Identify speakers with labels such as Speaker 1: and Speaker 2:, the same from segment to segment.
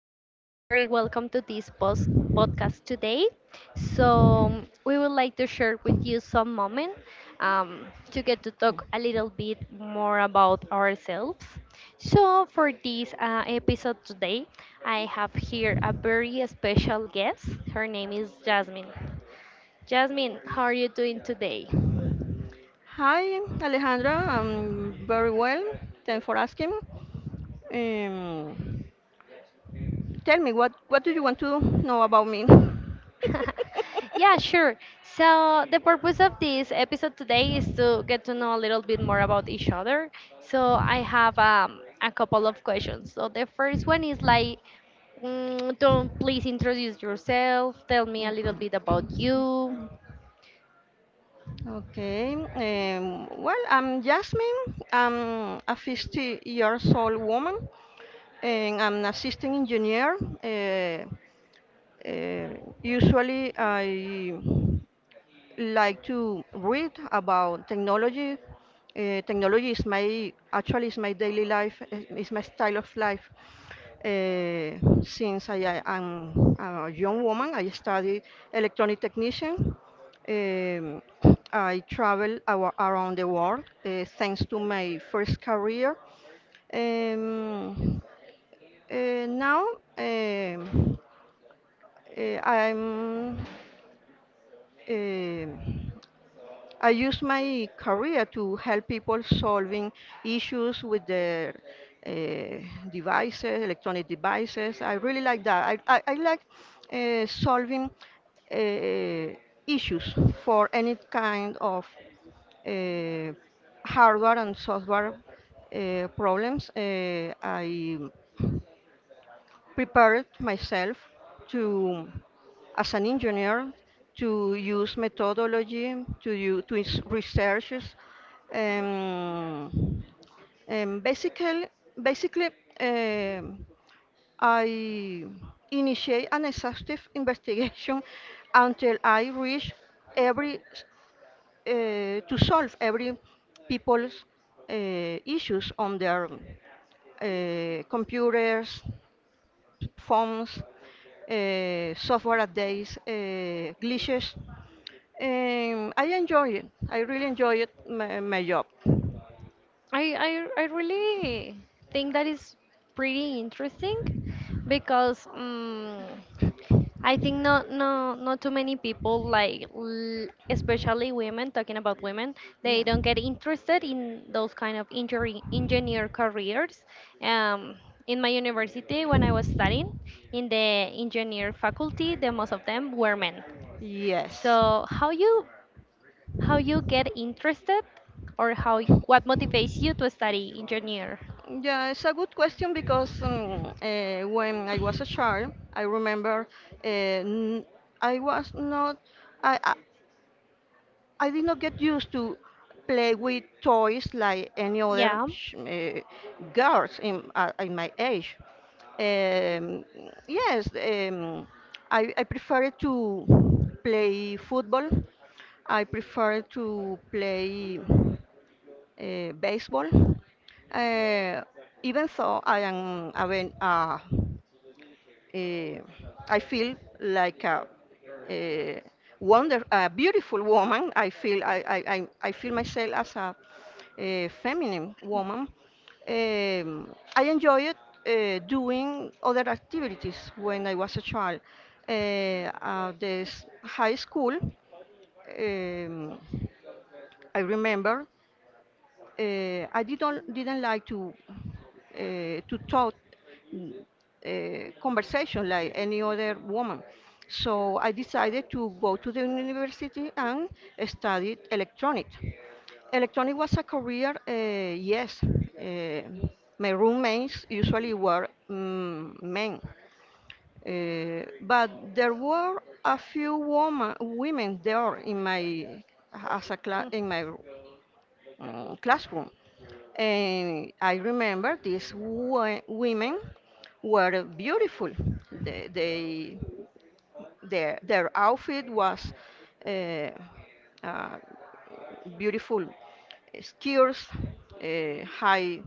Speaker 1: and very welcome to this post podcast today. So we would like to share with you some moment to get to talk a little bit more about ourselves. So for this episode today, I have here a very special guest. Her name is Jasmine. Jasmine, how are you doing today?
Speaker 2: Hi, Alejandra. I'm very well. Thanks for asking. Um, tell me, what do you want to know about me?
Speaker 1: Yeah, sure. So, the purpose of this episode today is to get to know a little bit more about each other. So, I have a couple of questions. So, the first one is like, don't please introduce yourself. Tell me a
Speaker 2: Okay.
Speaker 1: little bit about you.
Speaker 2: Okay, well, I'm Jasmine. I'm a 50 years old woman and I'm an assistant engineer. Uh, usually, I like to read about technology. Technology is my daily life, is my style of life. Since I am a young woman, I studied electronic technician. Um, I around the world thanks to my first career. Um, now um, I'm um, I use my career to help people solving issues with their uh, devices, electronic devices. I really like that. I like solving uh, issues for any kind of uh, hardware and software problems. I prepared myself to, as an engineer, to use methodology, to researches, um, um, basically, basically, um, I initiate an exhaustive investigation until I reach every s- to solve every people's issues on their computers, phones, software updates, glitches. I enjoy it. I really enjoy it, my job.
Speaker 1: I really think that is pretty interesting because. I think not too many people like especially women, talking about women,
Speaker 2: Yeah.
Speaker 1: they don't get interested in those kind of injury engineer careers. Um, in my university when I was studying in the engineer faculty, the most of them were men.
Speaker 2: Yes.
Speaker 1: So how you get interested or what motivates you to study engineer?
Speaker 2: Yeah. It's a good question because when I was a child, I remember uh, n- I was not. I, I did not get used to play with toys like any other
Speaker 1: Yeah.
Speaker 2: sh- eh, girls in my age. Um, yes, um, I prefer to play football. I prefer to play baseball. Uh, even so, I am a, ven- eh, I feel like a wonder, a beautiful woman. I feel myself as a feminine woman. I enjoyed doing other activities when I was a child. At this high school, um, I remember I didn't like to talk uh, conversation like any other woman. So I decided to go to the university and studied electronic. Electronic was a career, yes. My roommates usually were men, but there were a few women there in my as a cla
Speaker 1: Hmm.
Speaker 2: in my mm, classroom. And I remember these women were beautiful. They their outfit was uh, uh, beautiful skirts, high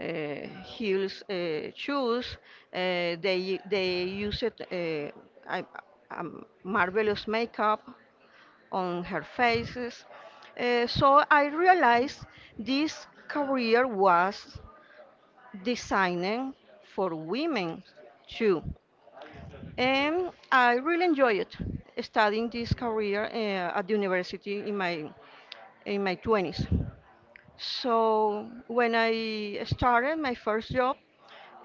Speaker 2: heels, shoes. They used I, marvelous makeup on her faces. So I realized this career was designed for women too. And I really enjoyed studying this career at the university in my 20s. So when I started my first job,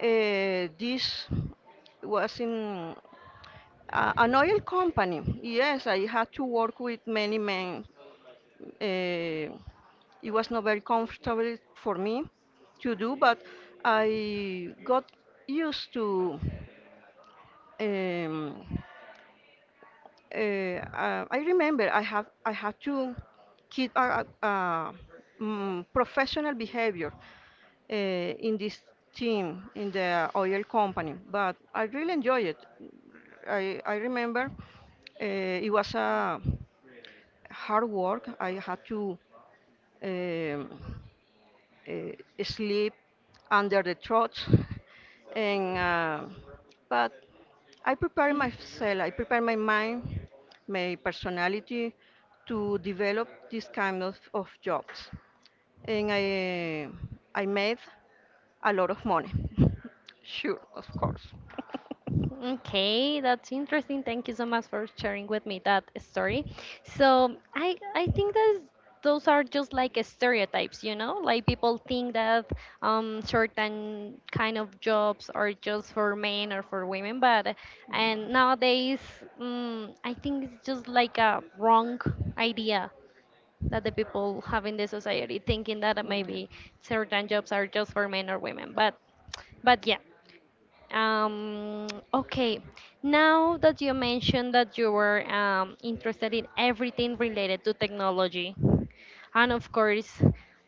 Speaker 2: this was in an oil company. Yes, I had to work with many men uh, it was not very comfortable for me to do, but I got used to. Um, I remember I have I had to keep a professional behavior in this team in the oil company, but I really enjoyed it. I remember uh, it was a hard work. I had to um, sleep under the truck, and but I prepare myself. I prepare my mind, my personality to develop this kind of jobs and I made a lot of money. Sure, of course.
Speaker 1: Okay, that's interesting. Thank you so much for sharing with me that story. So I think that those are just like stereotypes, you know, like people think that certain kind of jobs are just for men or for women, but and nowadays I think it's just like a wrong idea that the people have in the society, thinking that
Speaker 2: Mm. Yeah.
Speaker 1: maybe certain jobs are just for men or women, but. But yeah, um, okay, now that you mentioned that you were interested in everything related to technology, and of course,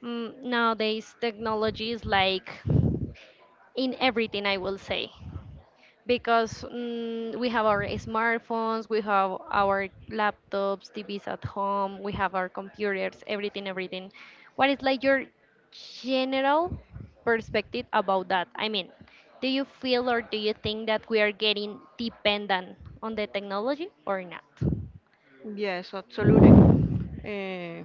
Speaker 1: nowadays technology is like in everything, I will say, because we have our smartphones, we have our laptops, TVs at home, we have our computers, everything, everything. What is like your general perspective about that? I mean, do you feel or do you think that we are getting dependent on the technology or not?
Speaker 2: Yes, absolutely. Uh,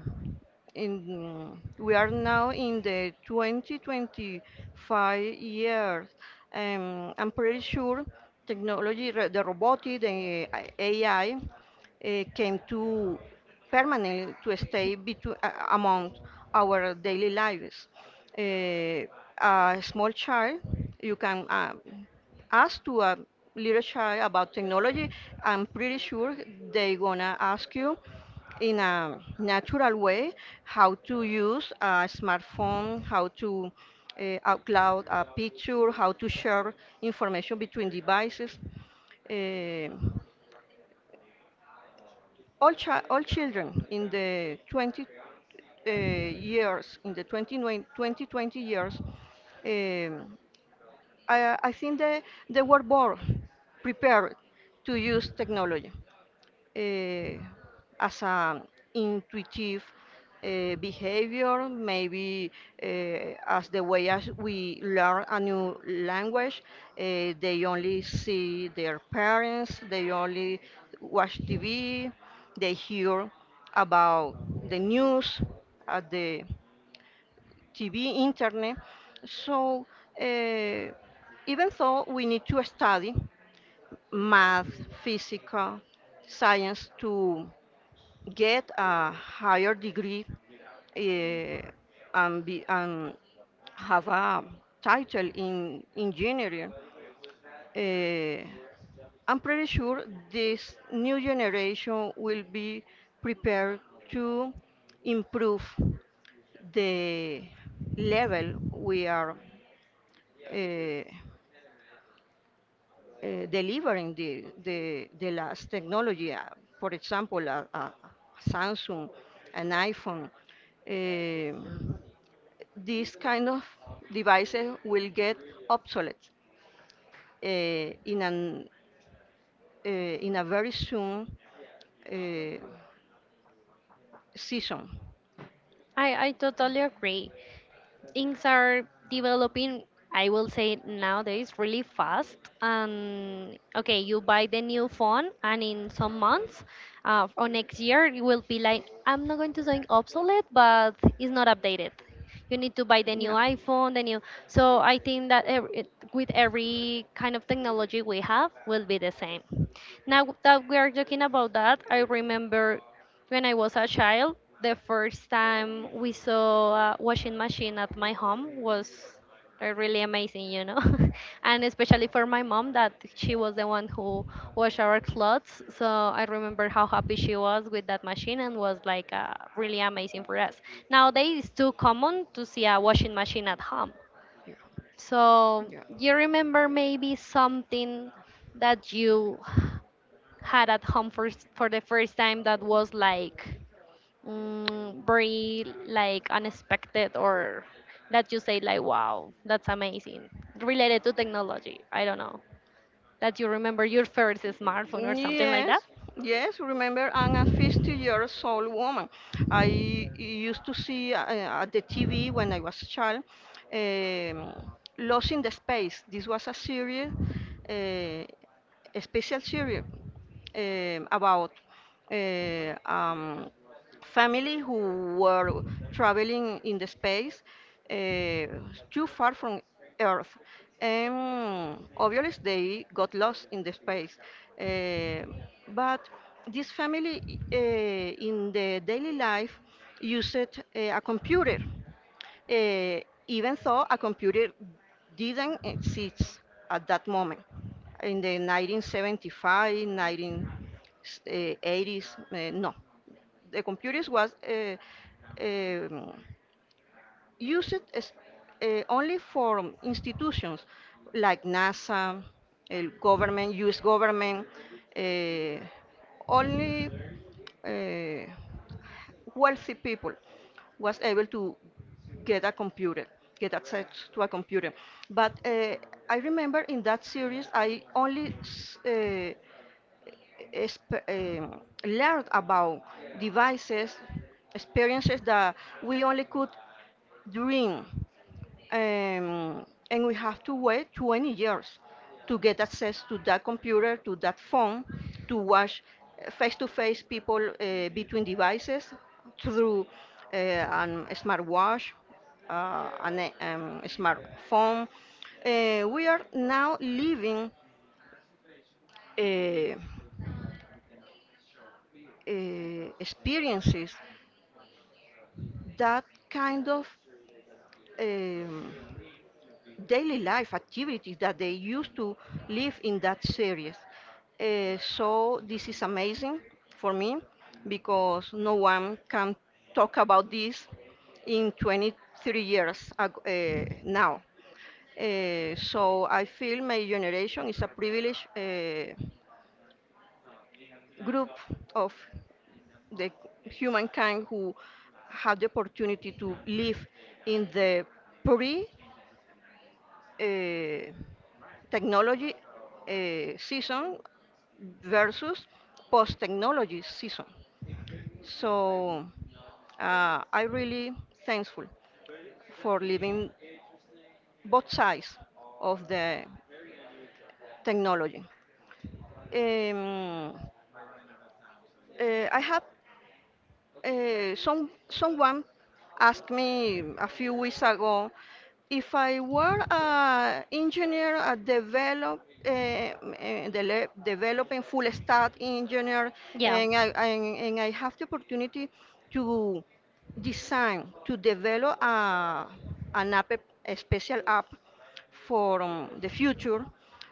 Speaker 2: we are now in the 2025 years. I'm pretty sure technology, the robotic, the AI came to permanently to stay among our daily lives. Uh, a small child, you can ask to a little child about technology. I'm pretty sure they gonna ask you in a natural way how to use a smartphone, how to uh, upload a picture, how to share information between devices. Eh, all children in the 20 years, in the 2020 years, um, I think they were born prepared to use technology. eh, as an intuitive behavior, maybe uh, as the way as we learn a new language, they only see their parents, they only watch TV, they hear about the news at the TV, internet. So uh, even though we need to study math, physical, science to get a higher degree eh, and, and have a title in engineering. Eh, I'm pretty sure this new generation will be prepared to improve the level we are uh, delivering the last technology. For example, a Samsung, an iPhone. Um these kind of devices will get obsolete uh, in, an, in a very soon uh, season.
Speaker 1: I totally agree. Things are developing, I will say nowadays, really fast. And okay, you buy the new phone and in some months or next year you will be like, I'm not going to say obsolete, but it's not updated. You need to buy the new
Speaker 2: Yeah.
Speaker 1: iPhone, the new. So I think that with every kind of technology we have will be the same. Now that we are talking about that, I remember when I was a child, the first time we saw a washing machine at my home was really amazing, you know. And especially for my mom, that she was the one who washed our clothes. So I remember how happy she was with that machine and was like really amazing for us. Nowadays, it's too common to see a washing machine at home.
Speaker 2: Yeah.
Speaker 1: So
Speaker 2: Yeah.
Speaker 1: you remember maybe something that you had at home for for the first time that was like very like unexpected, or that you say like, wow, that's amazing, related to technology. I don't know, that you remember your first smartphone or something like
Speaker 2: Yes,
Speaker 1: that.
Speaker 2: yes, remember, I'm a 50 years old woman. I used to see at the TV when I was a child um, Lost in the Space. This was a series, a special series about uh, um, family who were traveling in the space uh, too far from Earth. And obviously, they got lost in the space. Uh, but this family, in the daily life, used a computer, uh, even though a computer didn't exist at that moment in the 1975, 1980s, no the computers was um used as, only for institutions like NASA, el government, U.S. government, uh, only uh, wealthy people was able to get a computer, get access to a computer. But I remember in that series, I only learned about devices, experiences that we only could dream, and we have to wait 20 years to get access to that computer, to that phone, to watch face-to-face people between devices through a smartwatch, a smartphone. We are now living. Uh, Experiences, that kind of um, daily life activities that they used to live in that series. So this is amazing for me because no one can talk about this in 23 years ag- now. So I feel my generation is a privilege. Group of the humankind who had the opportunity to live in the pre uh, technology season versus post technology season. So I really thankful for living both sides of the technology. Um, I have Some someone asked me a few weeks ago if I were an engineer, a developing full stack engineer,
Speaker 1: Yeah,
Speaker 2: and and I have the opportunity to designed to develop an app, a special app for the future,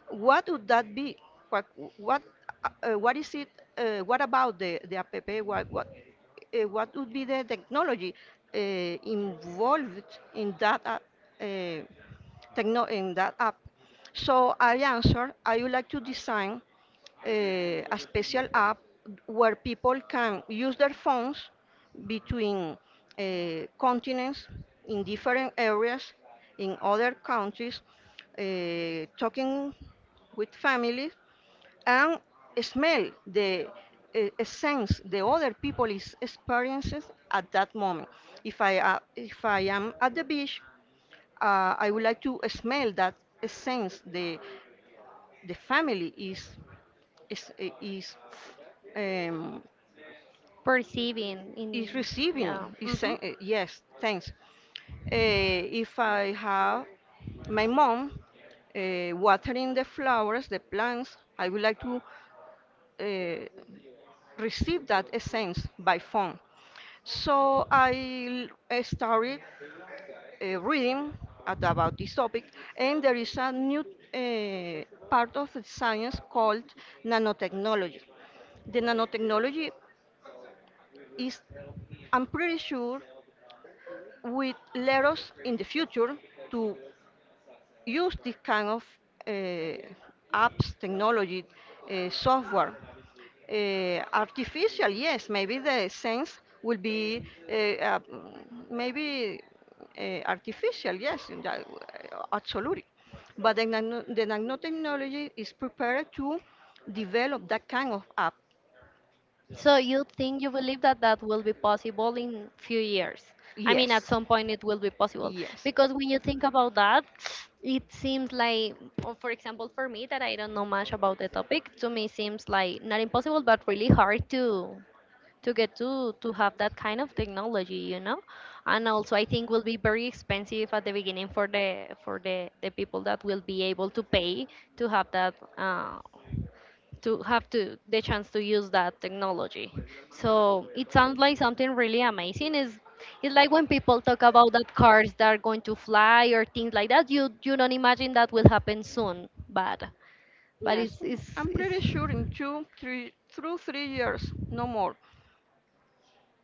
Speaker 2: what would that be? What, what, uh, what is it? What about the app? What, what, what would be the technology involved in that app, uh, techno in that app? So I answered, I would like to design a special app where people can use their phones between continents in different areas in other countries talking with families and smell the sense the other people is experiences at that moment. If i uh, if I am at the beach, I would like to smell that, sense the family is um,
Speaker 1: perceiving in.
Speaker 2: is receiving
Speaker 1: Yeah,
Speaker 2: is
Speaker 1: mhm.
Speaker 2: sen- uh, yes, thanks. If I have my mom watering the flowers, the plants, I would like to uh, receive that essence by phone. So I started reading about this topic and there is a new uh, part of the science called nanotechnology. The nanotechnology is I'm pretty sure, will let us in the future to use this kind of uh, apps, technology, software. Maybe the sense will be uh, uh, maybe artificial, yes, absolutely. But the nanotechnology is prepared to develop that kind of app,
Speaker 1: So you think, you believe that that will be possible in few years? I mean, at
Speaker 2: yes.
Speaker 1: some point it will be possible,
Speaker 2: Yes.
Speaker 1: because when you think about that, it seems like, or for example, for me, that I don't know much about the topic, to me seems like not impossible but really hard to get to have that kind of technology, you know. And also, I think will be very expensive at the beginning for the people that will be able to pay to have that to have to the chance to use that technology. So it sounds like something really amazing. Is it's like when people talk about that cars that are going to fly or things like that. You don't imagine that will happen soon, but
Speaker 2: Yes, I'm
Speaker 1: it's
Speaker 2: pretty sure in two, three, through three years, no more.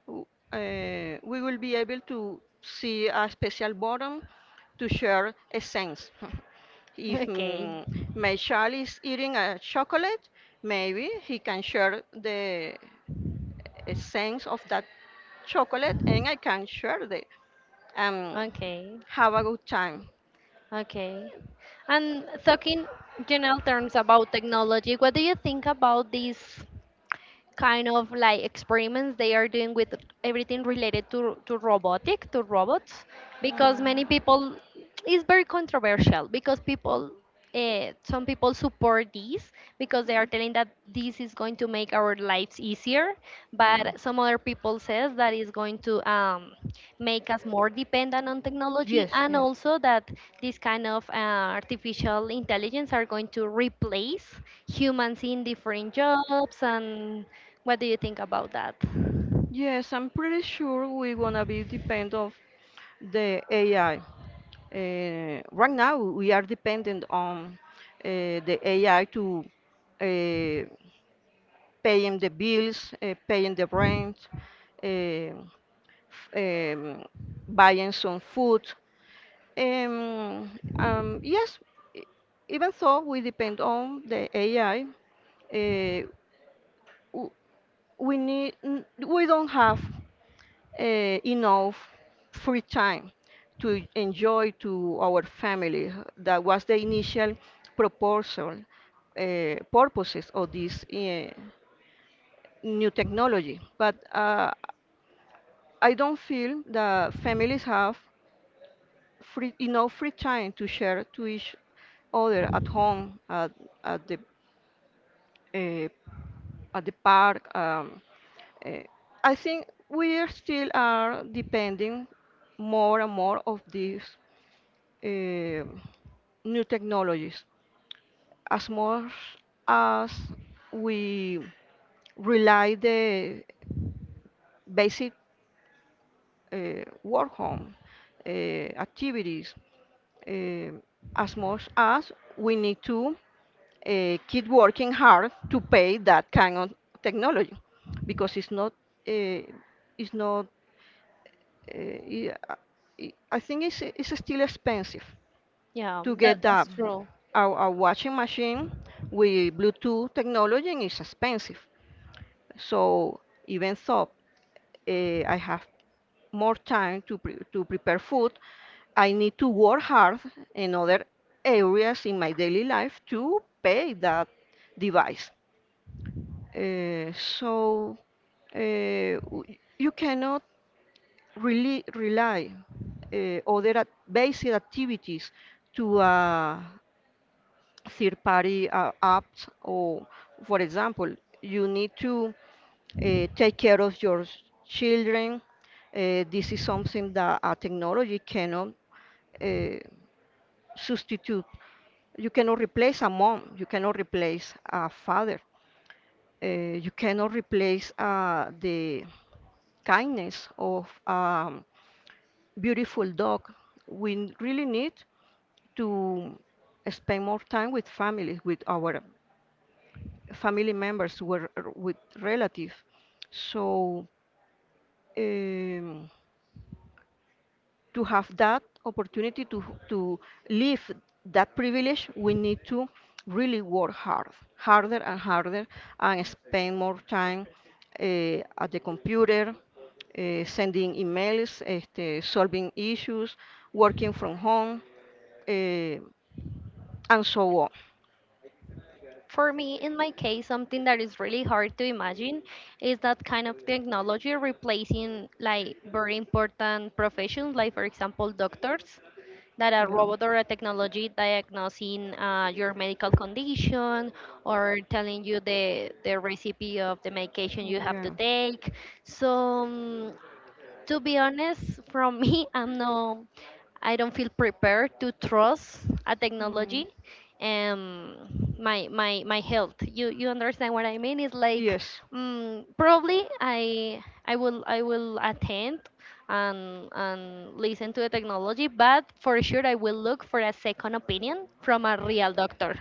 Speaker 2: w- we will be able to see a special button to share a sense. if
Speaker 1: okay,
Speaker 2: mm, my child is eating a chocolate, maybe he can share the essence of that chocolate and I can share the and
Speaker 1: okay,
Speaker 2: have a good time.
Speaker 1: okay. And talking general terms about technology, what do you think about this kind of like experiments they are doing with everything related to robotic to robots, because many
Speaker 2: Mm,
Speaker 1: people, it's very controversial, because people some people support this because they are telling that this is going to make our lives easier,
Speaker 2: yeah.
Speaker 1: but some other people says that is going to make us more dependent on technology,
Speaker 2: Yes,
Speaker 1: and
Speaker 2: yes.
Speaker 1: also that this kind of artificial intelligence are going to replace humans in different jobs. And what do you think about that?
Speaker 2: Yes, I'm pretty sure we're gonna be depend of the AI. Right now, we are dependent on uh, the AI to uh, paying the bills, paying the rent, um, f- um, buying some food. Um, um, yes, e- Even though we depend on the AI, uh, w- we don't have uh, enough free time to enjoy to our family. That was the initial proposal, purposes of this new technology. But I don't feel that families have enough free time to share to each other at home, at the uh, at the park. Uh, I think we are still are depending more and more of this uh, new technologies. As much as we rely the basic work home uh, activities, uh, as much as we need to keep working hard to pay that kind of technology, because uh, it's not I think it's still expensive
Speaker 1: Yeah,
Speaker 2: to get that.
Speaker 1: that's true.
Speaker 2: Our washing machine with Bluetooth technology is expensive. So even though I have more time to prepare food, I need to work hard in other areas in my daily life to pay that device. So uh, w- you cannot really rely basic activities to a third party apps, or for example, you need to take care of your children. This is something that a technology cannot uh, substitute. You cannot replace a mom, you cannot replace a father, uh, you cannot replace the kindness of a beautiful dog. We really need to spend more time with families, with our family members, with relatives. So um, to have that opportunity to to live that privilege, we need to really work hard, harder and harder, and spend more time at the computer, sending emails, este, solving issues, working from home, eh, and so on.
Speaker 1: For me, in my case, something that is really hard to imagine is that kind of technology replacing like very important professions, like for example, doctors, that a
Speaker 2: Yeah.
Speaker 1: robot or a technology diagnosing your medical condition, or telling you the recipe of the medication you have to
Speaker 2: Yeah. Mm.
Speaker 1: take. So mm, to be honest, from me, I'm no, I don't feel prepared to trust a technology. Um, my health. You understand what I mean? It's like
Speaker 2: Yes.
Speaker 1: mm, probably I will attend and listen to the technology, but for sure I will look for a second opinion from a real doctor,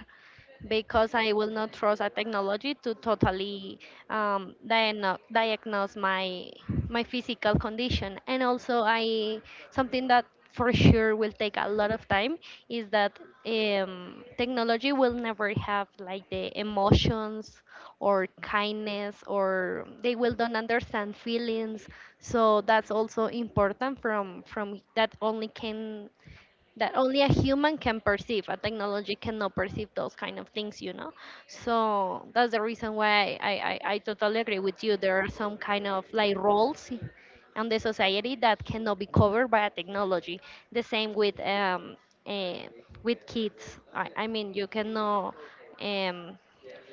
Speaker 1: because I will not trust a technology to totally diagnose my physical condition. And also, I something that for sure will take a lot of time is that technology will never have like the emotions or kindness, or they will don't understand feelings. So that's also important, from that only can, that only a human can perceive, a technology cannot perceive those kind of things, you know. So that's the reason why I totally agree with you. There are some kind of like roles in the society that cannot be covered by a technology. The same with eh, with kids, I mean you cannot um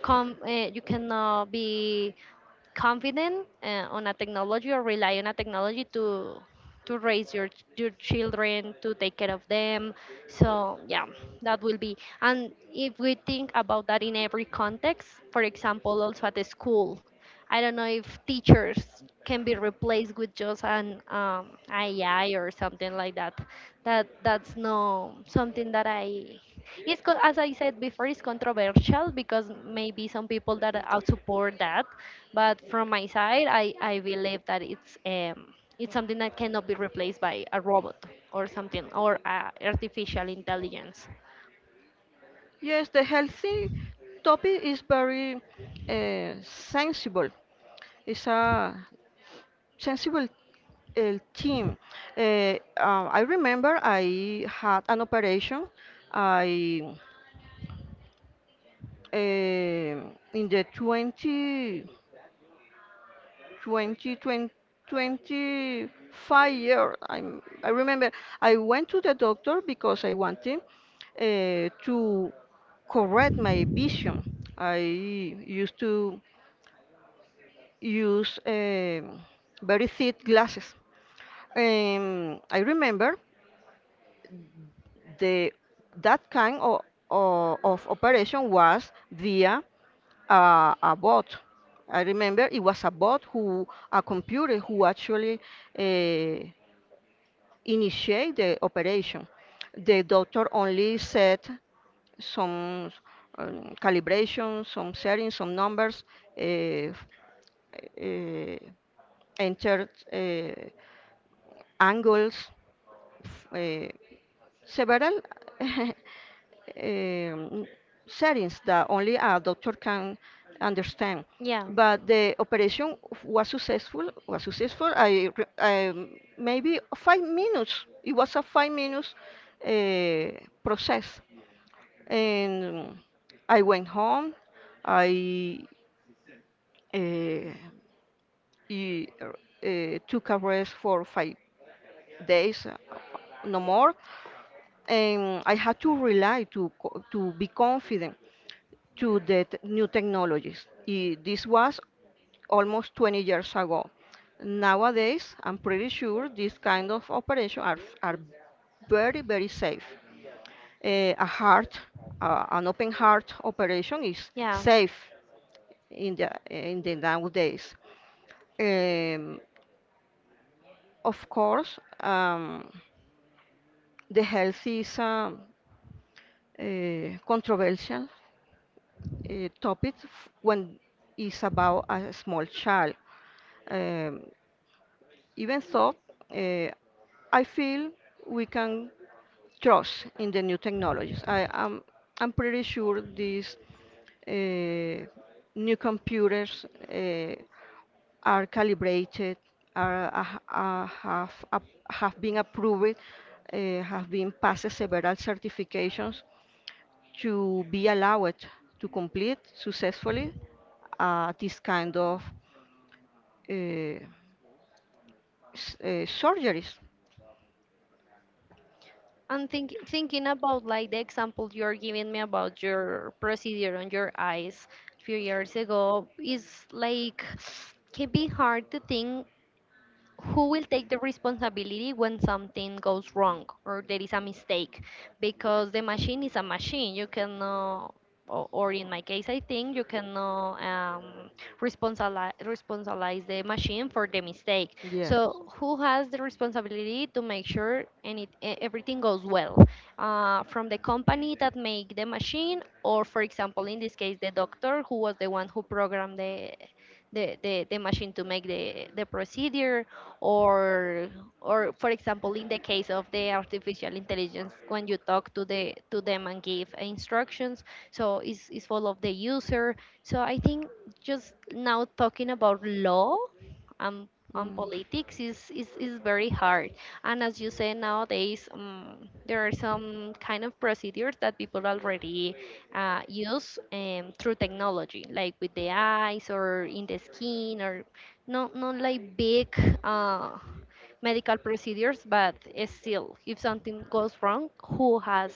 Speaker 1: come you cannot be confident on a technology or rely on a technology to raise your your children, to take care of them. So yeah, that will be. And if we think about that in every context, for example also at the school, I don't know if teachers can be replaced with just an AI or something like that. That that's no something that I as I said before, it's controversial because maybe some people that are support that, but from my side, I believe that it's something that cannot be replaced by a robot or something, or artificial intelligence.
Speaker 2: Yes, the healthy topic is very sensible. It's a sensible El team. I remember I had an operation. I eh, in the 20, 20, 20 25 year. I remember I went to the doctor because I wanted to correct my vision. I used to use very thick glasses. I remember the that kind of operation was via a bot. I remember it was a bot, who, a computer who actually uh, initiate the operation. The doctor only set some calibration, some settings, some numbers, uh, f- uh, entered angles, uh, several um, settings that only a doctor can understand.
Speaker 1: Yeah.
Speaker 2: But the operation was successful. Was successful. Maybe 5 minutes. It was a 5 minutes uh, process, and I went home. I uh, took a rest for 5 days, no more. And I had to rely to be confident to the new technologies. This was almost 20 years ago. Nowadays, I'm pretty sure these kind of operations are very very safe. A heart, an open heart operation is
Speaker 1: Yeah.
Speaker 2: safe in the nowadays. Um, of course, the health is. Controversial topics when it's about a small child. Um, Even so, uh, I feel we can trust in the new technologies. I'm pretty sure these uh, new computers uh, are calibrated, have, have been approved, have been passed several certifications to be allowed to complete successfully this kind of uh, surgeries.
Speaker 1: And thinking about like the example you're giving me about your procedure on your eyes a few years ago, is like, can be hard to think who will take the responsibility when something goes wrong or there is a mistake, because the machine is a machine. You cannot, or, or in my case I think you cannot responsabilize the machine for the mistake.
Speaker 2: Yeah.
Speaker 1: So who has the responsibility to make sure and everything goes well? From the company that make the machine, or for example in this case the doctor who was the one who programmed the machine to make the procedure, or or for example in the case of the artificial intelligence when you talk to them and give instructions. So it's full of the user. So I think just now talking about law on
Speaker 2: Mm,
Speaker 1: politics is very hard. And as you say nowadays there are some kind of procedures that people already use through technology, like with the eyes or in the skin, or not like big uh, medical procedures, but it's still, if something goes wrong, who has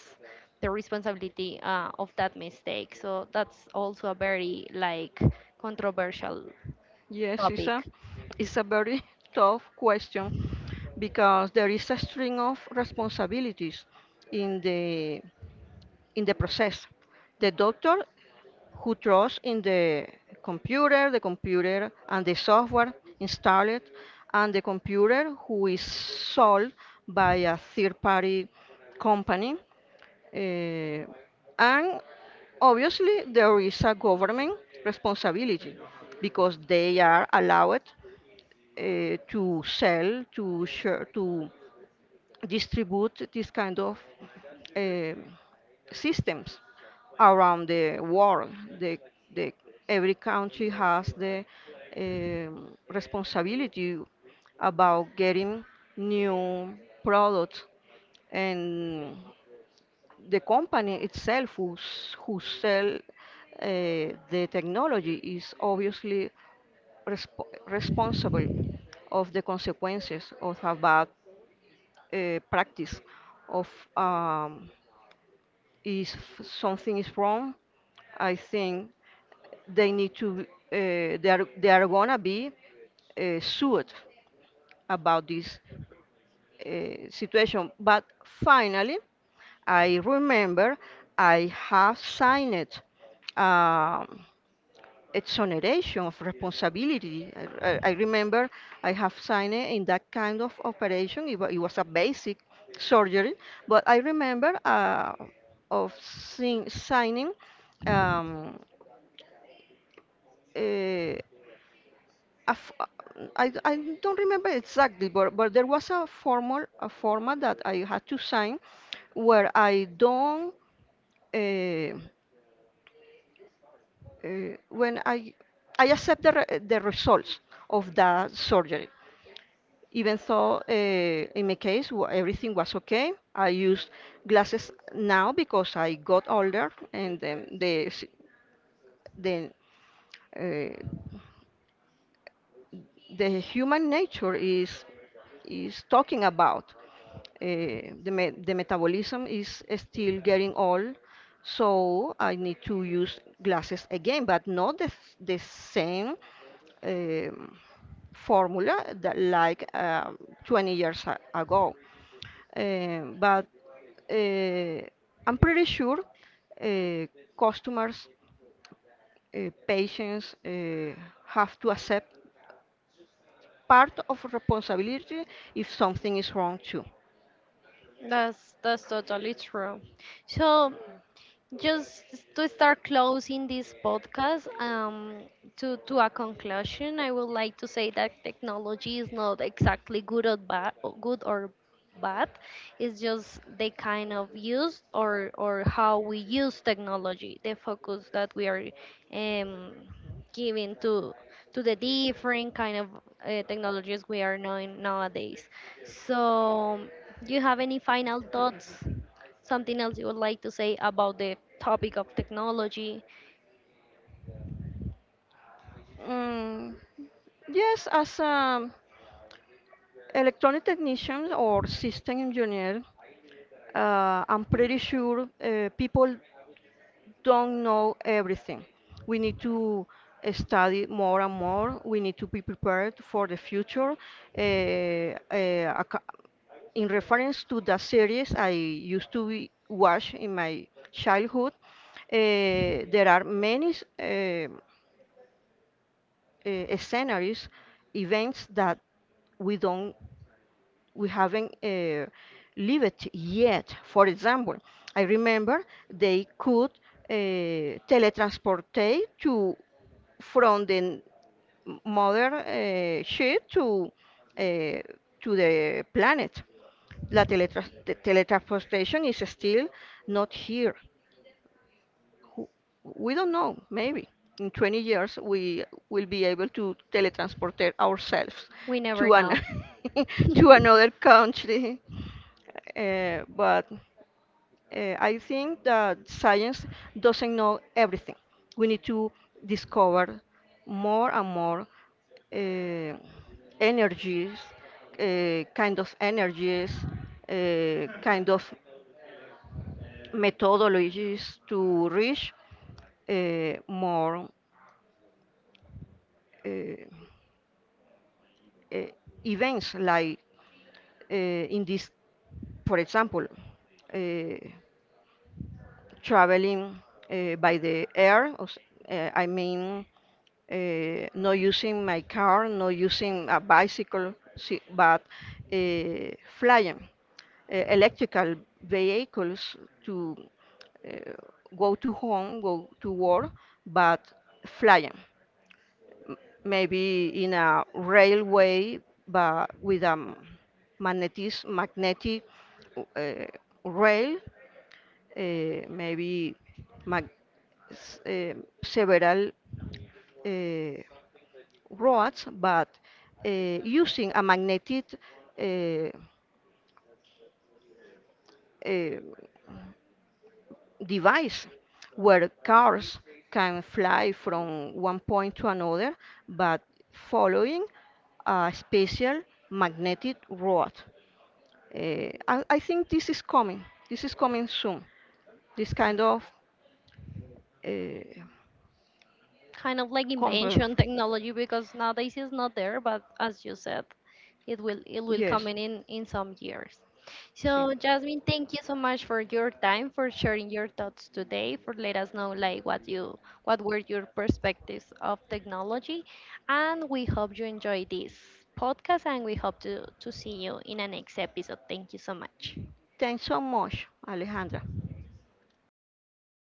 Speaker 1: the responsibility of that mistake? So that's also a very like controversial
Speaker 2: Yes,
Speaker 1: topic.
Speaker 2: it's a very tough question, because there is a string of responsibilities in the process. The doctor who trust in the computer and the software installed, and the computer who is sold by a third-party company. eh, and obviously, there is a government responsibility because they are allowed to sell, to share, to distribute this kind of eh, systems around the world. The, the, every country has the responsibility about getting new products, and the company itself who sell the technology is obviously responsible of the consequences of a bad practice of um, if something is wrong. I think they need to they are gonna be sued about this situation. But finally, I remember I have signed um, exoneration of responsibility. I remember I have signed it in that kind of operation. It was a basic surgery, but I remember of signing, um, eh, a f- uh, I don't remember exactly, but there was a format that I had to sign where I don't uh, when I accept the the results of that surgery. Even though in my case everything was okay, I use glasses now because I got older and then the s- the uh, the human nature is talking about. The me the metabolism is still getting old, so I need to use glasses again, but not the same um, formula that like 20 years ago. But uh, I'm pretty sure uh, customers, patients have to accept part of responsibility if something is wrong too.
Speaker 1: That's totally true. So just to start closing this podcast to a conclusion I would like to say that technology is not exactly good or bad, good or bad it's just the kind of use, or how we use technology, the focus that we are um, giving to the different kind of technologies we are knowing nowadays. So do you have any final thoughts? Something else you would like to say about the topic of technology?
Speaker 2: Mm, yes, as an electronic technician or system engineer, I'm pretty sure people don't know everything. We need to study more and more. We need to be prepared for the future. In reference to the series I used to be, watch in my childhood, there are many uh, sceneries, events that we don't, we haven't lived yet. For example, I remember they could uh, teletransportate to from the mother ship uh, to the planet. La teletransportation is still not here. who- we don't know, maybe in 20 years we will be able to teletransport it ourselves
Speaker 1: We never
Speaker 2: to an
Speaker 1: know.
Speaker 2: to another country. But I think that science doesn't know everything. We need to discover more and more uh, energies, kind of energies, kind of methodologies to reach more uh, uh, events like in this, for example, uh, traveling by the air. I mean, not using my car, not using a bicycle, but uh, flying electrical vehicles to uh, go to home, go to work, but flying. Maybe in a railway, but with a magnetic uh, rail, maybe mag, s- eh, several uh, roads, but uh, using a magnetic uh, uh, device where cars can fly from one point to another, but following a special magnetic road. I think this is coming. This is coming soon. This kind of uh,
Speaker 1: Kind of like
Speaker 2: company.
Speaker 1: invention technology, because nowadays it's not there, but as you said, it will come
Speaker 2: Yes.
Speaker 1: in in some years.
Speaker 2: Sí.
Speaker 1: So Jasmine, thank you so much for your time, for sharing your thoughts today, for let us know like what you what were your perspectives of technology, and we hope you enjoy this podcast and we hope to see you in a next episode. Thank you so much.
Speaker 2: Thanks so much, Alejandra.